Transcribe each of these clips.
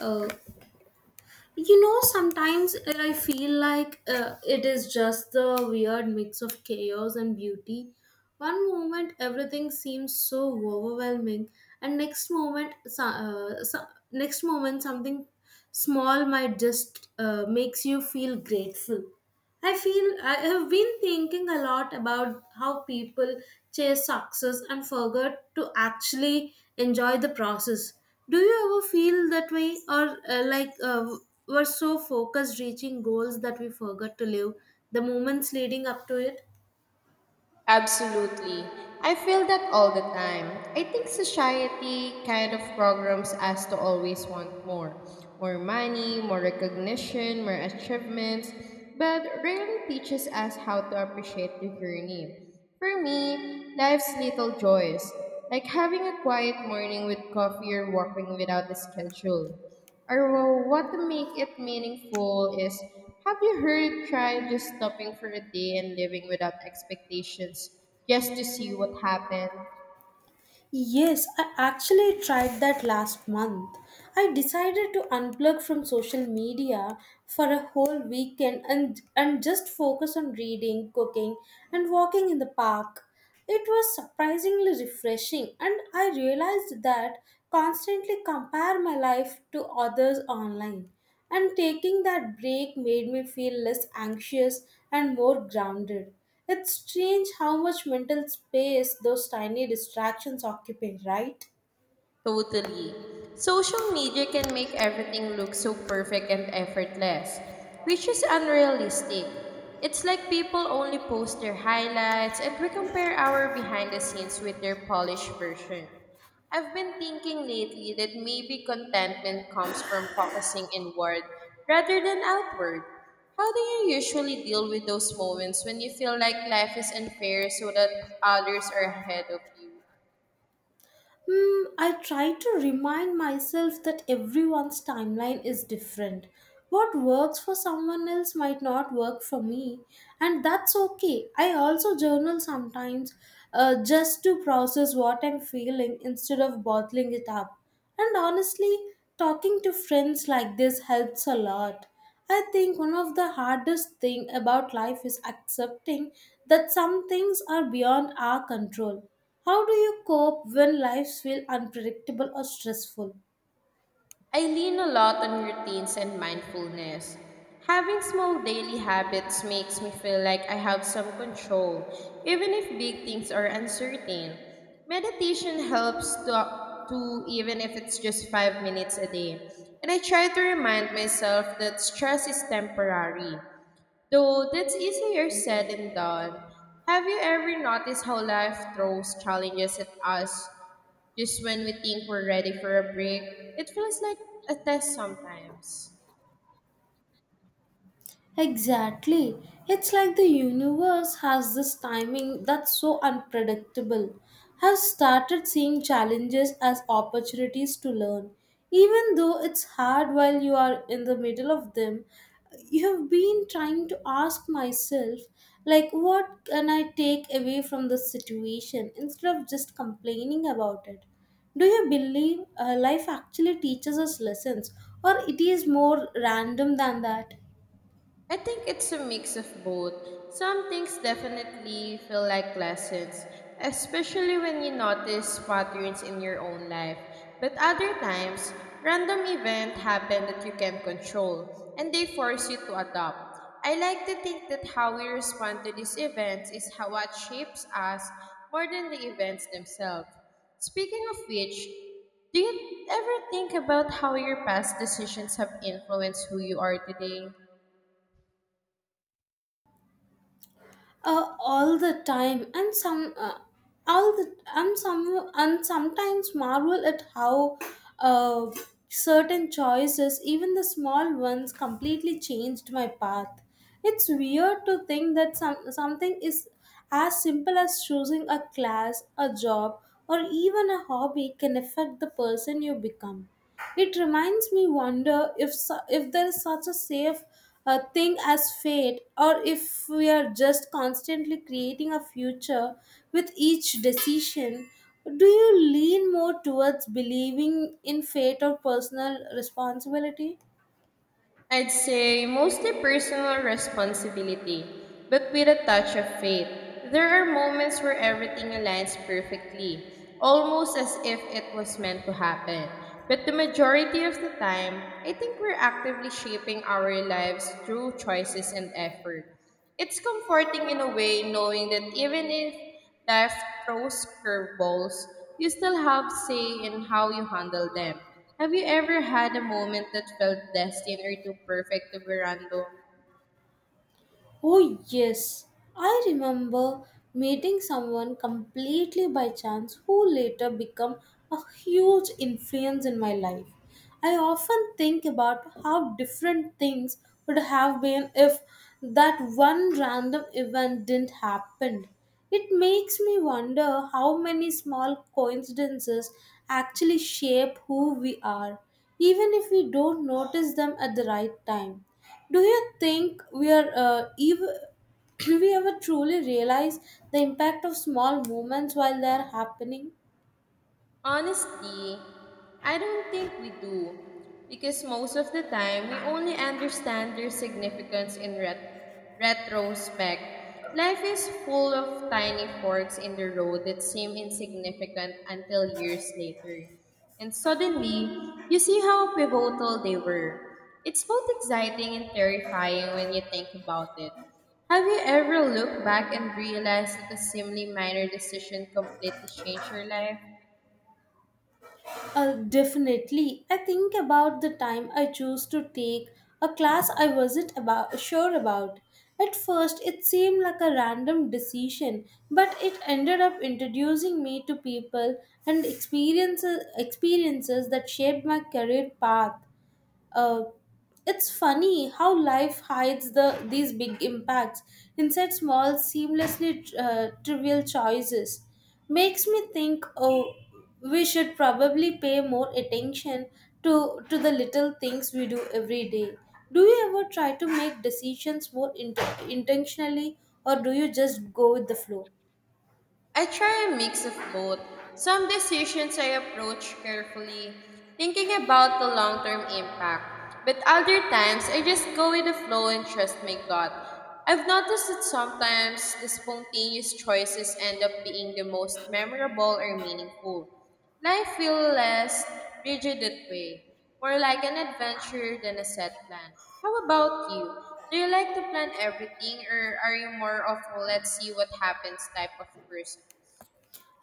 Uh, Sometimes I feel like it is just the weird mix of chaos and beauty. One moment everything seems so overwhelming, and next moment, next moment something small might just makes you feel grateful. I feel I have been thinking a lot about how people chase success and forget to actually enjoy the process. Do you ever feel that way, or we're so focused reaching goals that we forget to live the moments leading up to it? Absolutely. I feel that all the time. I think society kind of programs us to always want more money, more recognition, more achievements, but rarely teaches us how to appreciate the journey. For me, life's little joys, like having a quiet morning with coffee or walking without a schedule. Or well, what to make it meaningful is have you heard trying just stopping for a day and living without expectations just to see what happens? Yes, I actually tried that last month. I decided to unplug from social media for a whole weekend and just focus on reading, cooking, and walking in the park. It was surprisingly refreshing, and I realized that constantly compare my life to others online. And taking that break made me feel less anxious and more grounded. It's strange how much mental space those tiny distractions occupy, right? Totally. Social media can make everything look so perfect and effortless, which is unrealistic. It's like people only post their highlights and we compare our behind the scenes with their polished version. I've been thinking lately that maybe contentment comes from focusing inward rather than outward. How do you usually deal with those moments when you feel like life is unfair so that others are ahead of you? Hmm, I try to remind myself that everyone's timeline is different. What works for someone else might not work for me, and that's okay. I also journal sometimes just to process what I'm feeling instead of bottling it up. And honestly, talking to friends like this helps a lot. I think one of the hardest thing about life is accepting that some things are beyond our control. How do you cope when lives feel unpredictable or stressful? I lean a lot on routines and mindfulness. Having small daily habits makes me feel like I have some control, even if big things are uncertain. Meditation helps to even if it's just 5 minutes a day. And I try to remind myself that stress is temporary, though that's easier said than done. Have you ever noticed how life throws challenges at us just when we think we're ready for a break? It feels like a test sometimes. Exactly. It's like the universe has this timing that's so unpredictable. I've started seeing challenges as opportunities to learn. Even though it's hard while you are in the middle of them, you have been trying to ask myself, like, what can I take away from this situation instead of just complaining about it? Do you believe life actually teaches us lessons, or it is more random than that? I think it's a mix of both. Some things definitely feel like lessons, especially when you notice patterns in your own life. But other times, random events happen that you can't control, and they force you to adapt. I like to think that how we respond to these events is how what shapes us more than the events themselves. Speaking of which, do you ever think about how your past decisions have influenced who you are today? All the time, and some all the and some and sometimes marvel at how uh, certain choices, even the small ones, completely changed my path. It's weird to think that something is as simple as choosing a class, a job, or even a hobby can affect the person you become. It reminds me wonder if if there is such a safe thing as fate, or if we are just constantly creating a future with each decision. Do you lean more towards believing in fate or personal responsibility? I'd say mostly personal responsibility, but with a touch of faith. There are moments where everything aligns perfectly, almost as if it was meant to happen. But the majority of the time, I think we're actively shaping our lives through choices and effort. It's comforting in a way knowing that even if life throws curveballs, you still have say in how you handle them. Have you ever had a moment that felt destined or too perfect to be random? Oh, yes. I remember meeting someone completely by chance who later became a huge influence in my life. I often think about how different things would have been if that one random event didn't happen. It makes me wonder how many small coincidences actually shape who we are, even if we don't notice them at the right time. Do you think we are ev- we ever truly realize the impact of small moments while they are happening? Honestly, I don't think we do, because most of the time we only understand their significance in retrospect. Life is full of tiny forks in the road that seem insignificant until years later, and suddenly you see how pivotal they were. It's both exciting and terrifying when you think about it. Have you ever looked back and realized that a seemingly minor decision completely changed your life? Definitely. I think about the time I chose to take a class I wasn't about sure about. At first, it seemed like a random decision, but it ended up introducing me to people and experiences that shaped my career path. Uh, it's funny how life hides these big impacts inside small, seamlessly trivial choices. Makes me think, oh, we should probably pay more attention to the little things we do every day. Do you ever try to make decisions more intentionally, or do you just go with the flow? I try a mix of both. Some decisions I approach carefully, thinking about the long term impact, but other times I just go with the flow and trust my gut. I've noticed that sometimes the spontaneous choices end up being the most memorable or meaningful. Life feels less rigid that way, more like an adventure than a set plan. How about you? Do you like to plan everything or are you more of a let's see what happens type of person?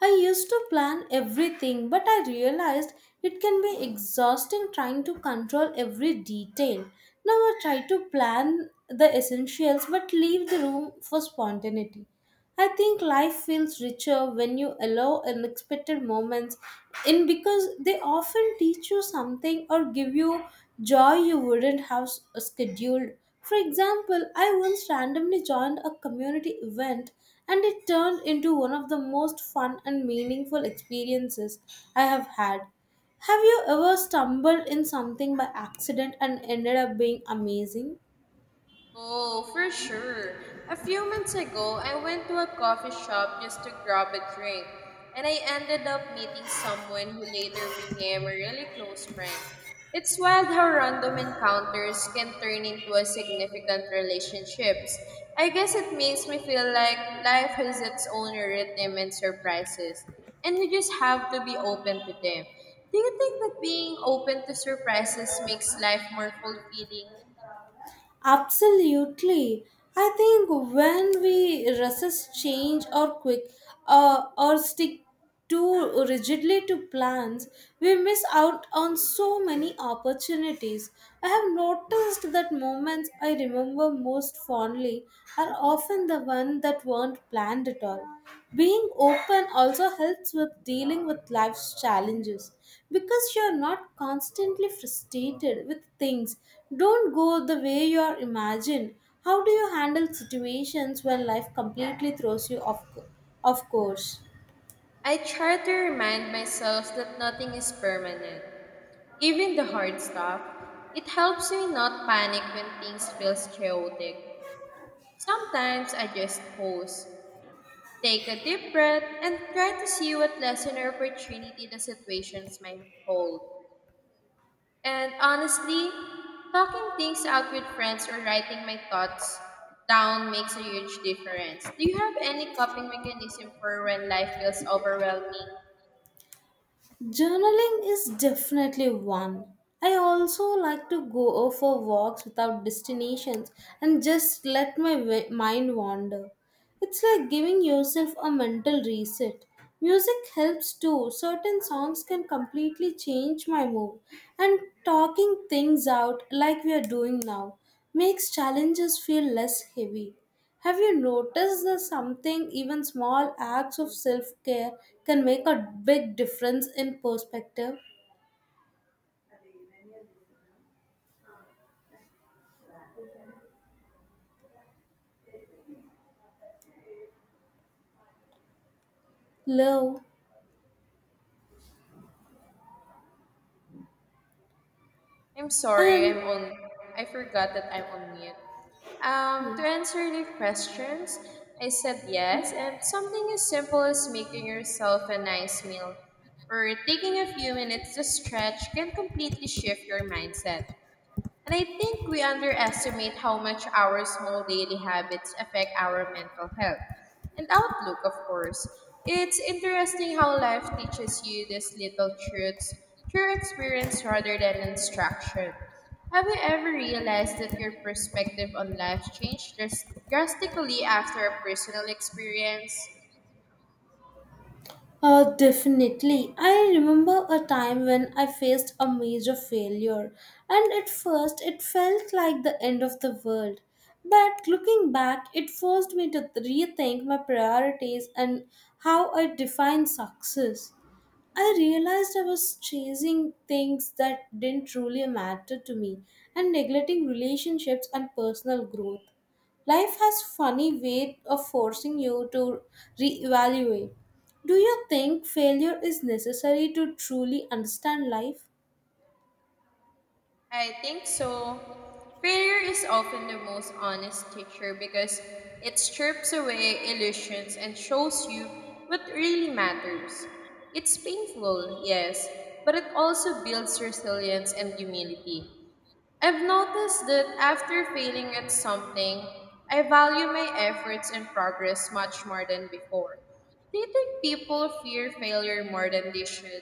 I used to plan everything, but I realized it can be exhausting trying to control every detail. Now I try to plan the essentials but leave the room for spontaneity. I think life feels richer when you allow unexpected moments in, because they often teach you something or give you joy you wouldn't have scheduled. For example, I once randomly joined a community event and it turned into one of the most fun and meaningful experiences I have had. Have you ever stumbled in something by accident and ended up being amazing? Oh, for sure. A few months ago, I went to a coffee shop just to grab a drink, and I ended up meeting someone who later became a really close friend. It's wild how random encounters can turn into a significant relationships. I guess it makes me feel like life has its own rhythm and surprises, and we just have to be open to them. Do you think that being open to surprises makes life more fulfilling? Absolutely. I think when we resist change or quick or stick too rigidly to plans, we miss out on so many opportunities. I have noticed that moments I remember most fondly are often the one that weren't planned at all. Being open also helps with dealing with life's challenges because you're not constantly frustrated with things don't go the way you are imagined. How do you handle situations when life completely throws you off course? I try to remind myself that nothing is permanent, even the hard stuff. It helps me not panic when things feel chaotic. Sometimes I just pause, take a deep breath, and try to see what lesson or opportunity the situations might hold. And honestly, talking things out with friends or writing my thoughts down makes a huge difference. Do you have any coping mechanism for when life feels overwhelming? Journaling is definitely one. I also like to go for walks without destinations and just let my mind wander. It's like giving yourself a mental reset. Music helps too. Certain songs can completely change my mood, and talking things out like we are doing now makes challenges feel less heavy. Have you noticed that something, even small acts of self care, can make a big difference in perspective? Love I'm sorry, and I'm on. I forgot that I'm on mute. To answer the questions, I said yes, and something as simple as making yourself a nice meal or taking a few minutes to stretch can completely shift your mindset. And I think we underestimate how much our small daily habits affect our mental health and outlook, of course. It's interesting how life teaches you these little truths through experience rather than instruction. Have you ever realized that your perspective on life changed drastically after a personal experience? Definitely. I remember a time when I faced a major failure, and at first it felt like the end of the world. But looking back, it forced me to rethink my priorities and how I define success. I realized I was chasing things that didn't truly matter to me and neglecting relationships and personal growth. Life has funny way of forcing you to reevaluate. Do you think failure is necessary to truly understand life? I think so. Failure is often the most honest teacher because it strips away illusions and shows you what really matters. It's painful, yes, but it also builds resilience and humility. I've noticed that after failing at something, I value my efforts and progress much more than before. Do you think people fear failure more than they should?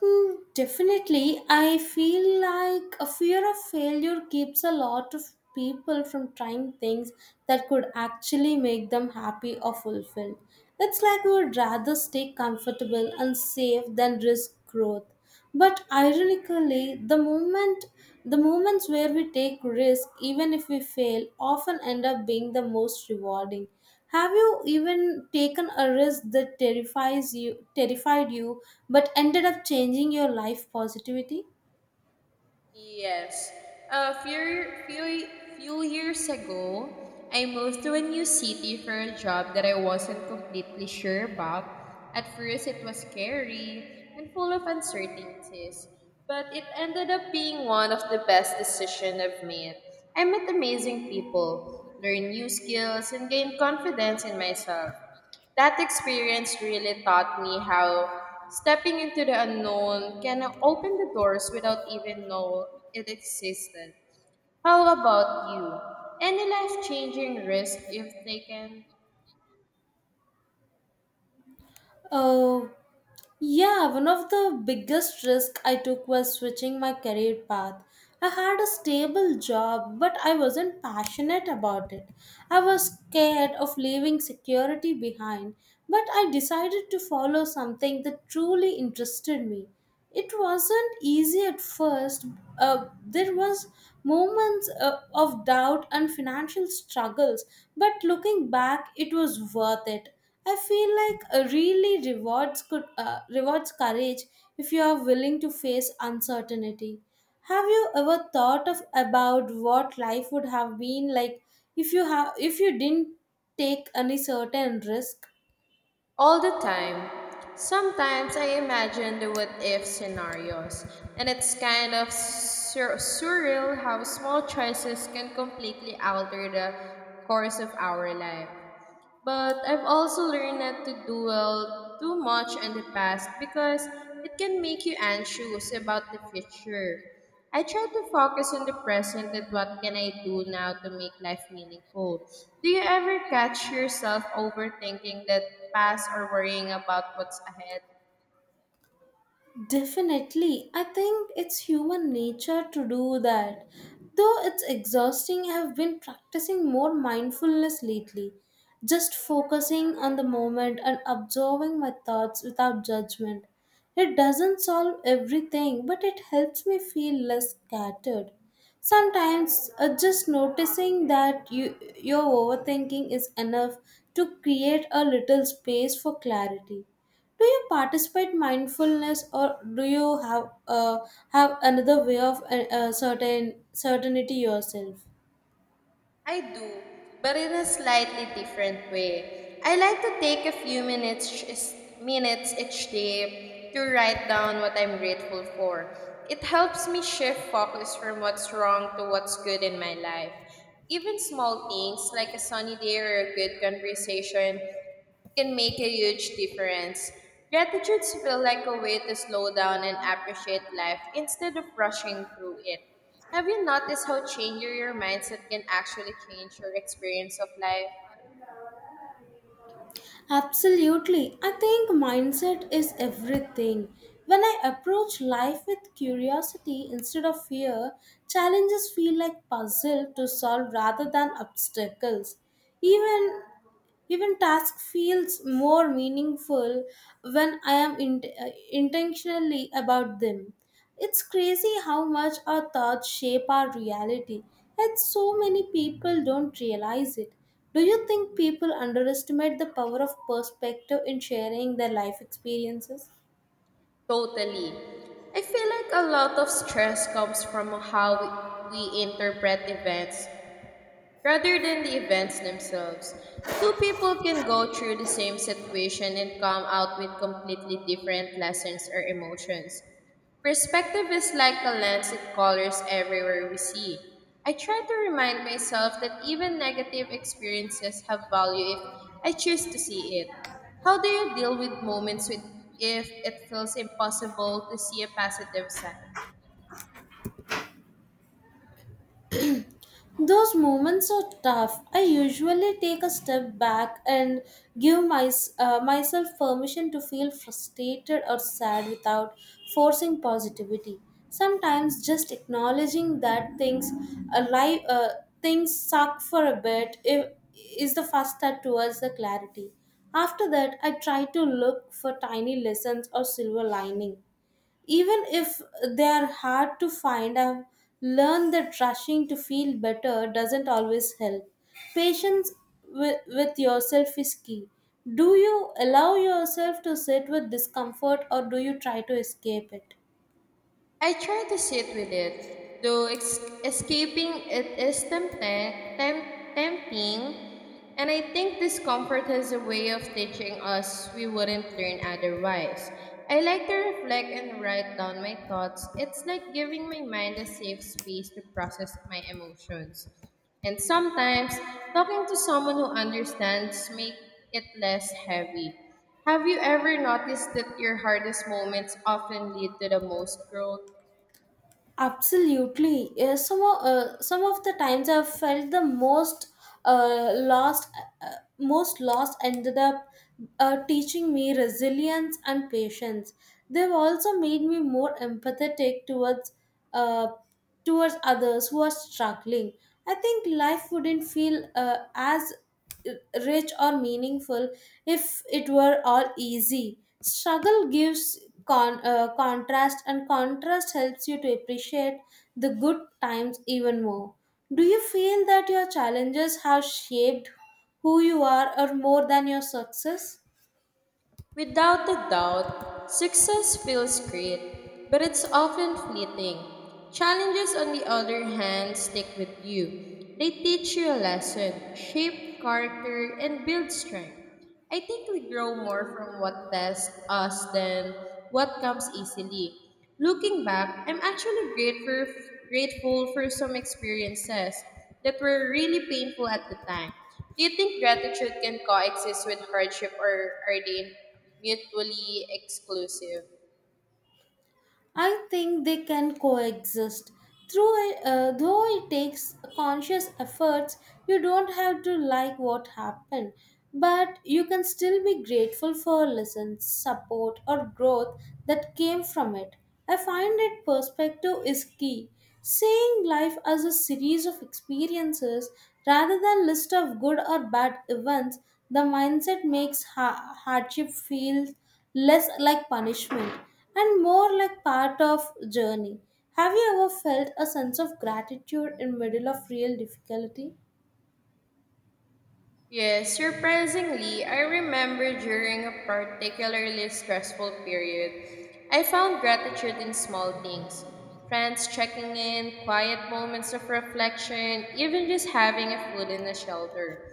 Hmm, definitely. I feel like a fear of failure keeps a lot of people from trying things that could actually make them happy or fulfilled. It's like we would rather stay comfortable and safe than risk growth. But ironically, the moments where we take risk, even if we fail, often end up being the most rewarding. Have you even taken a risk that terrified you, but ended up changing your life positivity? Yes. A few years ago, I moved to a new city for a job that I wasn't completely sure about. At first, it was scary and full of uncertainties, but it ended up being one of the best decisions I've made. I met amazing people, learned new skills, and gained confidence in myself. That experience really taught me how stepping into the unknown can open the doors without even know it existed. How about you? Any life-changing risk you've taken? Oh, yeah, one of the biggest risk I took was switching my career path. I had a stable job, but I wasn't passionate about it. I was scared of leaving security behind, but I decided to follow something that truly interested me. It wasn't easy at first. There was moments of doubt and financial struggles, but looking back it was worth it. I feel like a really rewards could rewards courage if you are willing to face uncertainty. Have you ever thought of about what life would have been like if you didn't take any certain risk? All the time. Sometimes I imagine the what if scenarios, and it's kind of surreal how small choices can completely alter the course of our life. But I've also learned not to dwell too much on the past because it can make you anxious about the future. I try to focus on the present and what can I do now to make life meaningful. Do you ever catch yourself overthinking the past or worrying about what's ahead? Definitely. I think it's human nature to do that. Though it's exhausting, I have been practicing more mindfulness lately. Just focusing on the moment and observing my thoughts without judgment. It doesn't solve everything, but it helps me feel less scattered. Sometimes just noticing that your overthinking is enough to create a little space for clarity. Do you participate mindfulness, or do you have another way of certainty yourself? I do, but in a slightly different way. I like to take a few minutes each day to write down what I'm grateful for. It helps me shift focus from what's wrong to what's good in my life. Even small things like a sunny day or a good conversation can make a huge difference. Gratitudes feel like a way to slow down and appreciate life instead of rushing through it. Have you noticed how changing your mindset can actually change your experience of life? Absolutely. I think mindset is everything. When I approach life with curiosity instead of fear, challenges feel like puzzle to solve rather than obstacles. Even Even task feels more meaningful when I am in, intentionally about them. It's crazy how much our thoughts shape our reality, and so many people don't realize it. Do you think people underestimate the power of perspective in sharing their life experiences? Totally. I feel like a lot of stress comes from how we interpret events, rather than the events themselves. Two people can go through the same situation and come out with completely different lessons or emotions. Perspective is like a lens that colors everywhere we see. I try to remind myself that even negative experiences have value if I choose to see it. How do you deal with moments with if it feels impossible to see a positive side? Those moments are tough. I usually take a step back and give myself permission to feel frustrated or sad without forcing positivity. Sometimes just acknowledging that alive, uh, things suck for a bit is the first step towards the clarity. After that, I try to look for tiny lessons or silver lining even if they are hard to find. I've learned that rushing to feel better doesn't always help. Patience with yourself is key. Do you allow yourself to sit with discomfort or do you try to escape it? I try to sit with it, though escaping it is tempting, and I think discomfort is a way of teaching us we wouldn't learn otherwise. I like to reflect and write down my thoughts. It's like giving my mind a safe space to process my emotions. And sometimes, talking to someone who understands makes it less heavy. Have you ever noticed that your hardest moments often lead to the most growth? Absolutely. Yeah, some of the times I've felt the uh, lost, uh, most lost ended up teaching me resilience and patience. They've also made me more empathetic uh, towards others who are struggling. I think life wouldn't feel as rich or meaningful if it were all easy. Struggle gives contrast, and contrast helps you to appreciate the good times even more. Do you feel that your challenges have shaped who you are or more than your success? Without a doubt, success feels great, but it's often fleeting. Challenges, on the other hand, stick with you. They teach you a lesson, shape character, and build strength. I think we grow more from what tests us than what comes easily. Looking back, I'm actually grateful for some experiences that were really painful at the time. Do you think gratitude can coexist with hardship or are they mutually exclusive? I think they can coexist. Though it takes conscious efforts, you don't have to like what happened, but you can still be grateful for lessons, support, or growth that came from it. I find that perspective is key. Seeing life as a series of experiences rather than list of good or bad events, the mindset makes hardship feel less like punishment and more like part of journey. Have you ever felt a sense of gratitude in middle of real difficulty? Yes, surprisingly, I remember during a particularly stressful period, I found gratitude in small things. Friends checking in, quiet moments of reflection, even just having a food and a shelter.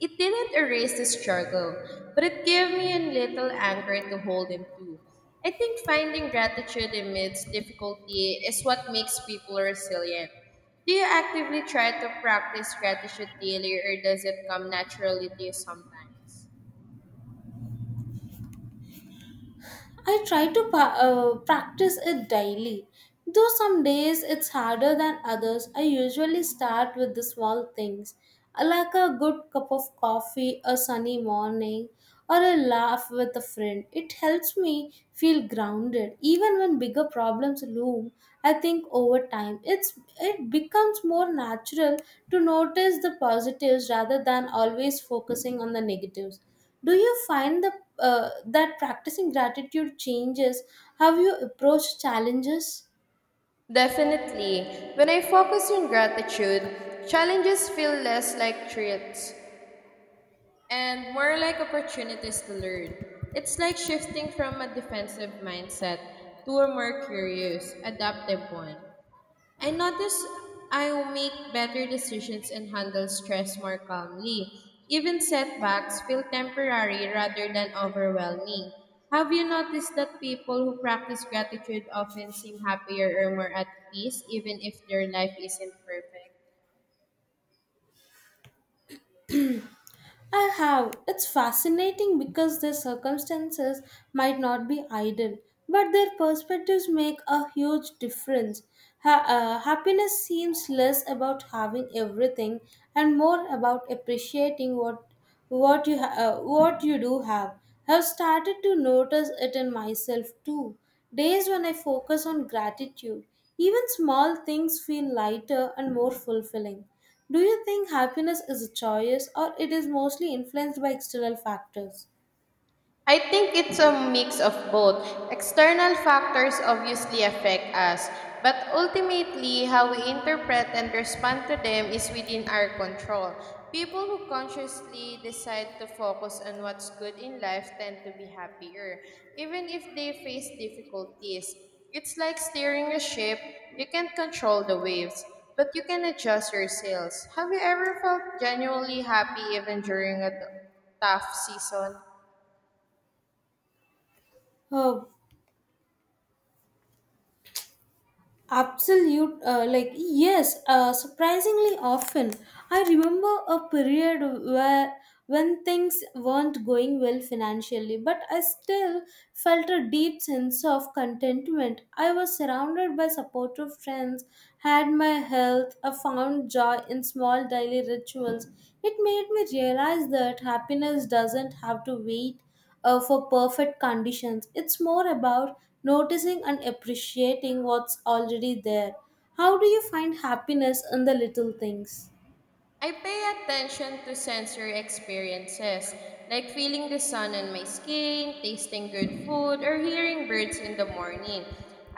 It didn't erase the struggle, but it gave me a little anchor to hold him to. I think finding gratitude amidst difficulty is what makes people resilient. Do you actively try to practice gratitude daily or does it come naturally to you sometimes? I try to practice it daily. Though some days it's harder than others, I usually start with the small things, like a good cup of coffee, a sunny morning, or a laugh with a friend. It helps me feel grounded. Even when bigger problems loom, I think over time it becomes more natural to notice the positives rather than always focusing on the negatives. Do you find that practicing gratitude changes how you approach challenges? Definitely. When I focus on gratitude, challenges feel less like threats and more like opportunities to learn. It's like shifting from a defensive mindset to a more curious, adaptive one. I notice I make better decisions and handle stress more calmly. Even setbacks feel temporary rather than overwhelming. Have you noticed that people who practice gratitude often seem happier or more at peace, even if their life isn't perfect? I have. It's fascinating because their circumstances might not be ideal, but their perspectives make a huge difference. Happiness seems less about having everything and more about appreciating what what you do have. I've started to notice it in myself too. Days when I focus on gratitude, even small things feel lighter and more fulfilling. Do you think happiness is a choice or it is mostly influenced by external factors? I think it's a mix of both. External factors obviously affect us, but ultimately, how we interpret and respond to them is within our control. People who consciously decide to focus on what's good in life tend to be happier, even if they face difficulties. It's like steering a ship, you can't control the waves, but you can adjust your sails. Have you ever felt genuinely happy even during a tough season? Uh, yes, surprisingly often. I remember a period where when things weren't going well financially, but I still felt a deep sense of contentment. I was surrounded by supportive friends, had my health, I found joy in small daily rituals. It made me realize that happiness doesn't have to wait for perfect conditions. It's more about noticing and appreciating what's already there. How do you find happiness in the little things? I pay attention to sensory experiences, like feeling the sun on my skin, tasting good food, or hearing birds in the morning.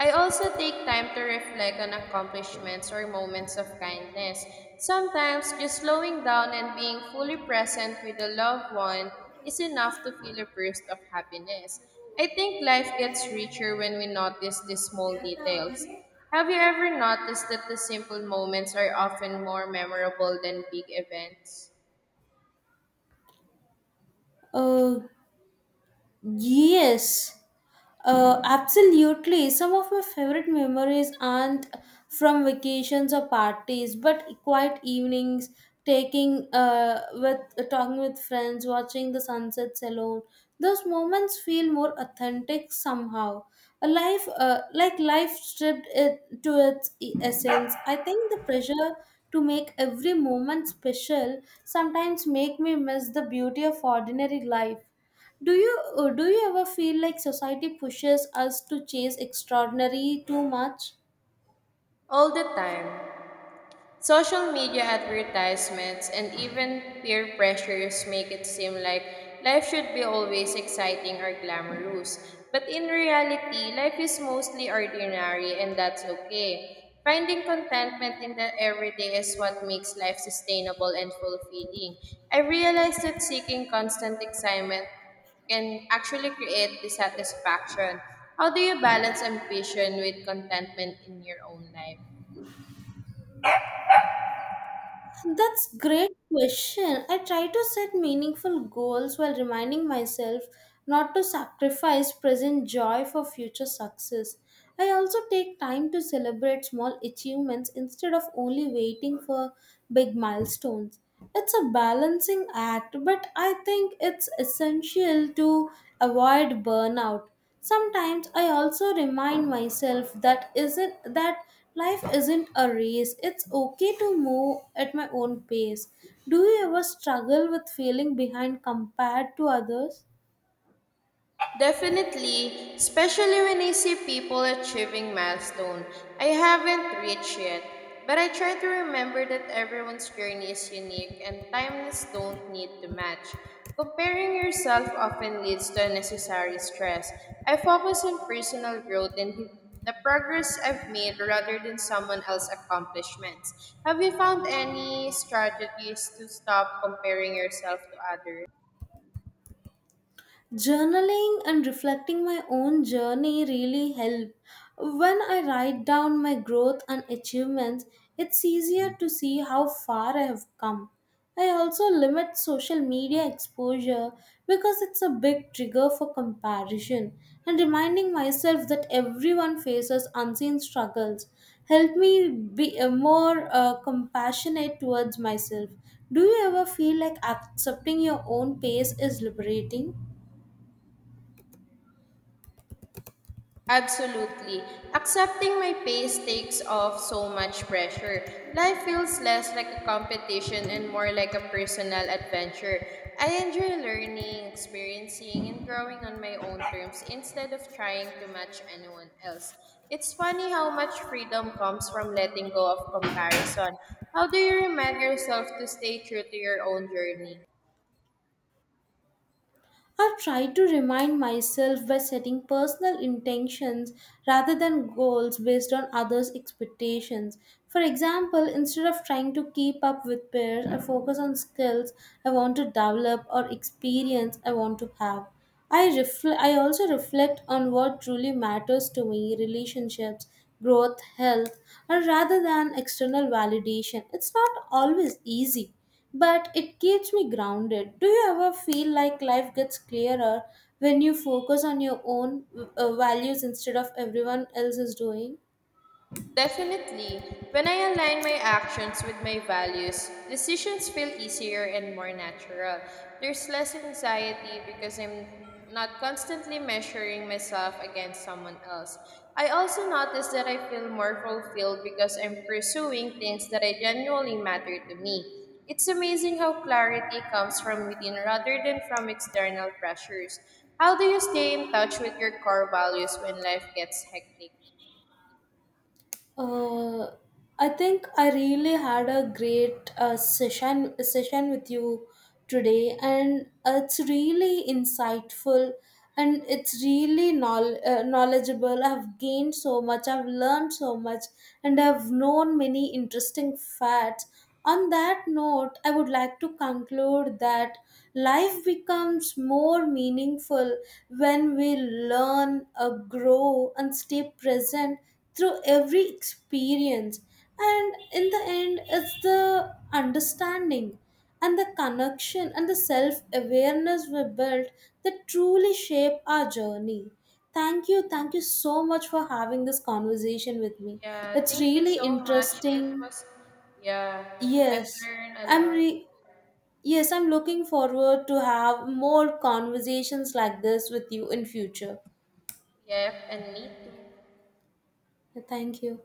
I also take time to reflect on accomplishments or moments of kindness. Sometimes, just slowing down and being fully present with a loved one is enough to feel a burst of happiness. I think life gets richer when we notice these small details. Have you ever noticed that the simple moments are often more memorable than big events? Uh, yes. Absolutely. Some of my favorite memories aren't from vacations or parties, but quiet evenings, taking with talking with friends, watching the sunsets alone. Those moments feel more authentic somehow. Like life, stripped it to its essence. I think the pressure to make every moment special sometimes make me miss the beauty of ordinary life. Do you do you ever feel like society pushes us to chase extraordinary too much? All the time. Social media advertisements and even peer pressures make it seem like life should be always exciting or glamorous. But in reality, life is mostly ordinary and that's okay. Finding contentment in the everyday is what makes life sustainable and fulfilling. I realized that seeking constant excitement can actually create dissatisfaction. How do you balance ambition with contentment in your own life? That's great question. I try to set meaningful goals while reminding myself not to sacrifice present joy for future success. I also take time to celebrate small achievements instead of only waiting for big milestones. It's a balancing act, but I think it's essential to avoid burnout. Sometimes I also remind myself that life isn't a race. It's okay to move at my own pace. Do you ever struggle with feeling behind compared to others? Definitely, especially when I see people achieving milestone I haven't reached yet. But I try to remember that everyone's journey is unique and timelines don't need to match. Comparing yourself often leads to unnecessary stress. I focus on personal growth and the progress I've made rather than someone else's accomplishments. Have you found any strategies to stop comparing yourself to others? Journaling and reflecting my own journey really help. When I write down my growth and achievements, it's easier to see how far I have come. I also limit social media exposure because it's a big trigger for comparison, and reminding myself that everyone faces unseen struggles help me be more compassionate towards myself. Do you ever feel like accepting your own pace is liberating? Absolutely. Accepting my pace takes off so much pressure. Life feels less like a competition and more like a personal adventure. I enjoy learning, experiencing, and growing on my own terms instead of trying to match anyone else. It's funny how much freedom comes from letting go of comparison. How do you remind yourself to stay true to your own journey? I've tried to remind myself by setting personal intentions rather than goals based on others' expectations. For example, instead of trying to keep up with peers, I focus on skills I want to develop or experience I want to have. I also reflect on what truly matters to me, relationships, growth, health, or rather than external validation. It's not always easy but it keeps me grounded. Do you ever feel like life gets clearer when you focus on your own values instead of everyone else is doing? Definitely. When I align my actions with my values, decisions feel easier and more natural. There's less anxiety because I'm not constantly measuring myself against someone else. I also notice that I feel more fulfilled because I'm pursuing things that I genuinely matter to me. It's amazing how clarity comes from within rather than from external pressures. How do you stay in touch with your core values when life gets hectic? Uh, I think I really had a great session with you today, and it's really insightful, and it's really knowledgeable. I've gained so much, I've learned so much, and I've known many interesting facts. On that note, I would like to conclude that life becomes more meaningful when we learn, grow, and stay present through every experience. And in the end, it's the understanding and the connection and the self awareness we built that truly shape our journey. Thank you. Thank you so much for having this conversation with me. Yeah, It's thank you really so much. It interesting. was, yeah, I've Yes. learned a I'm lot. re- yes, I'm looking forward to have more conversations like this with you in future. Yep, and me too. Thank you.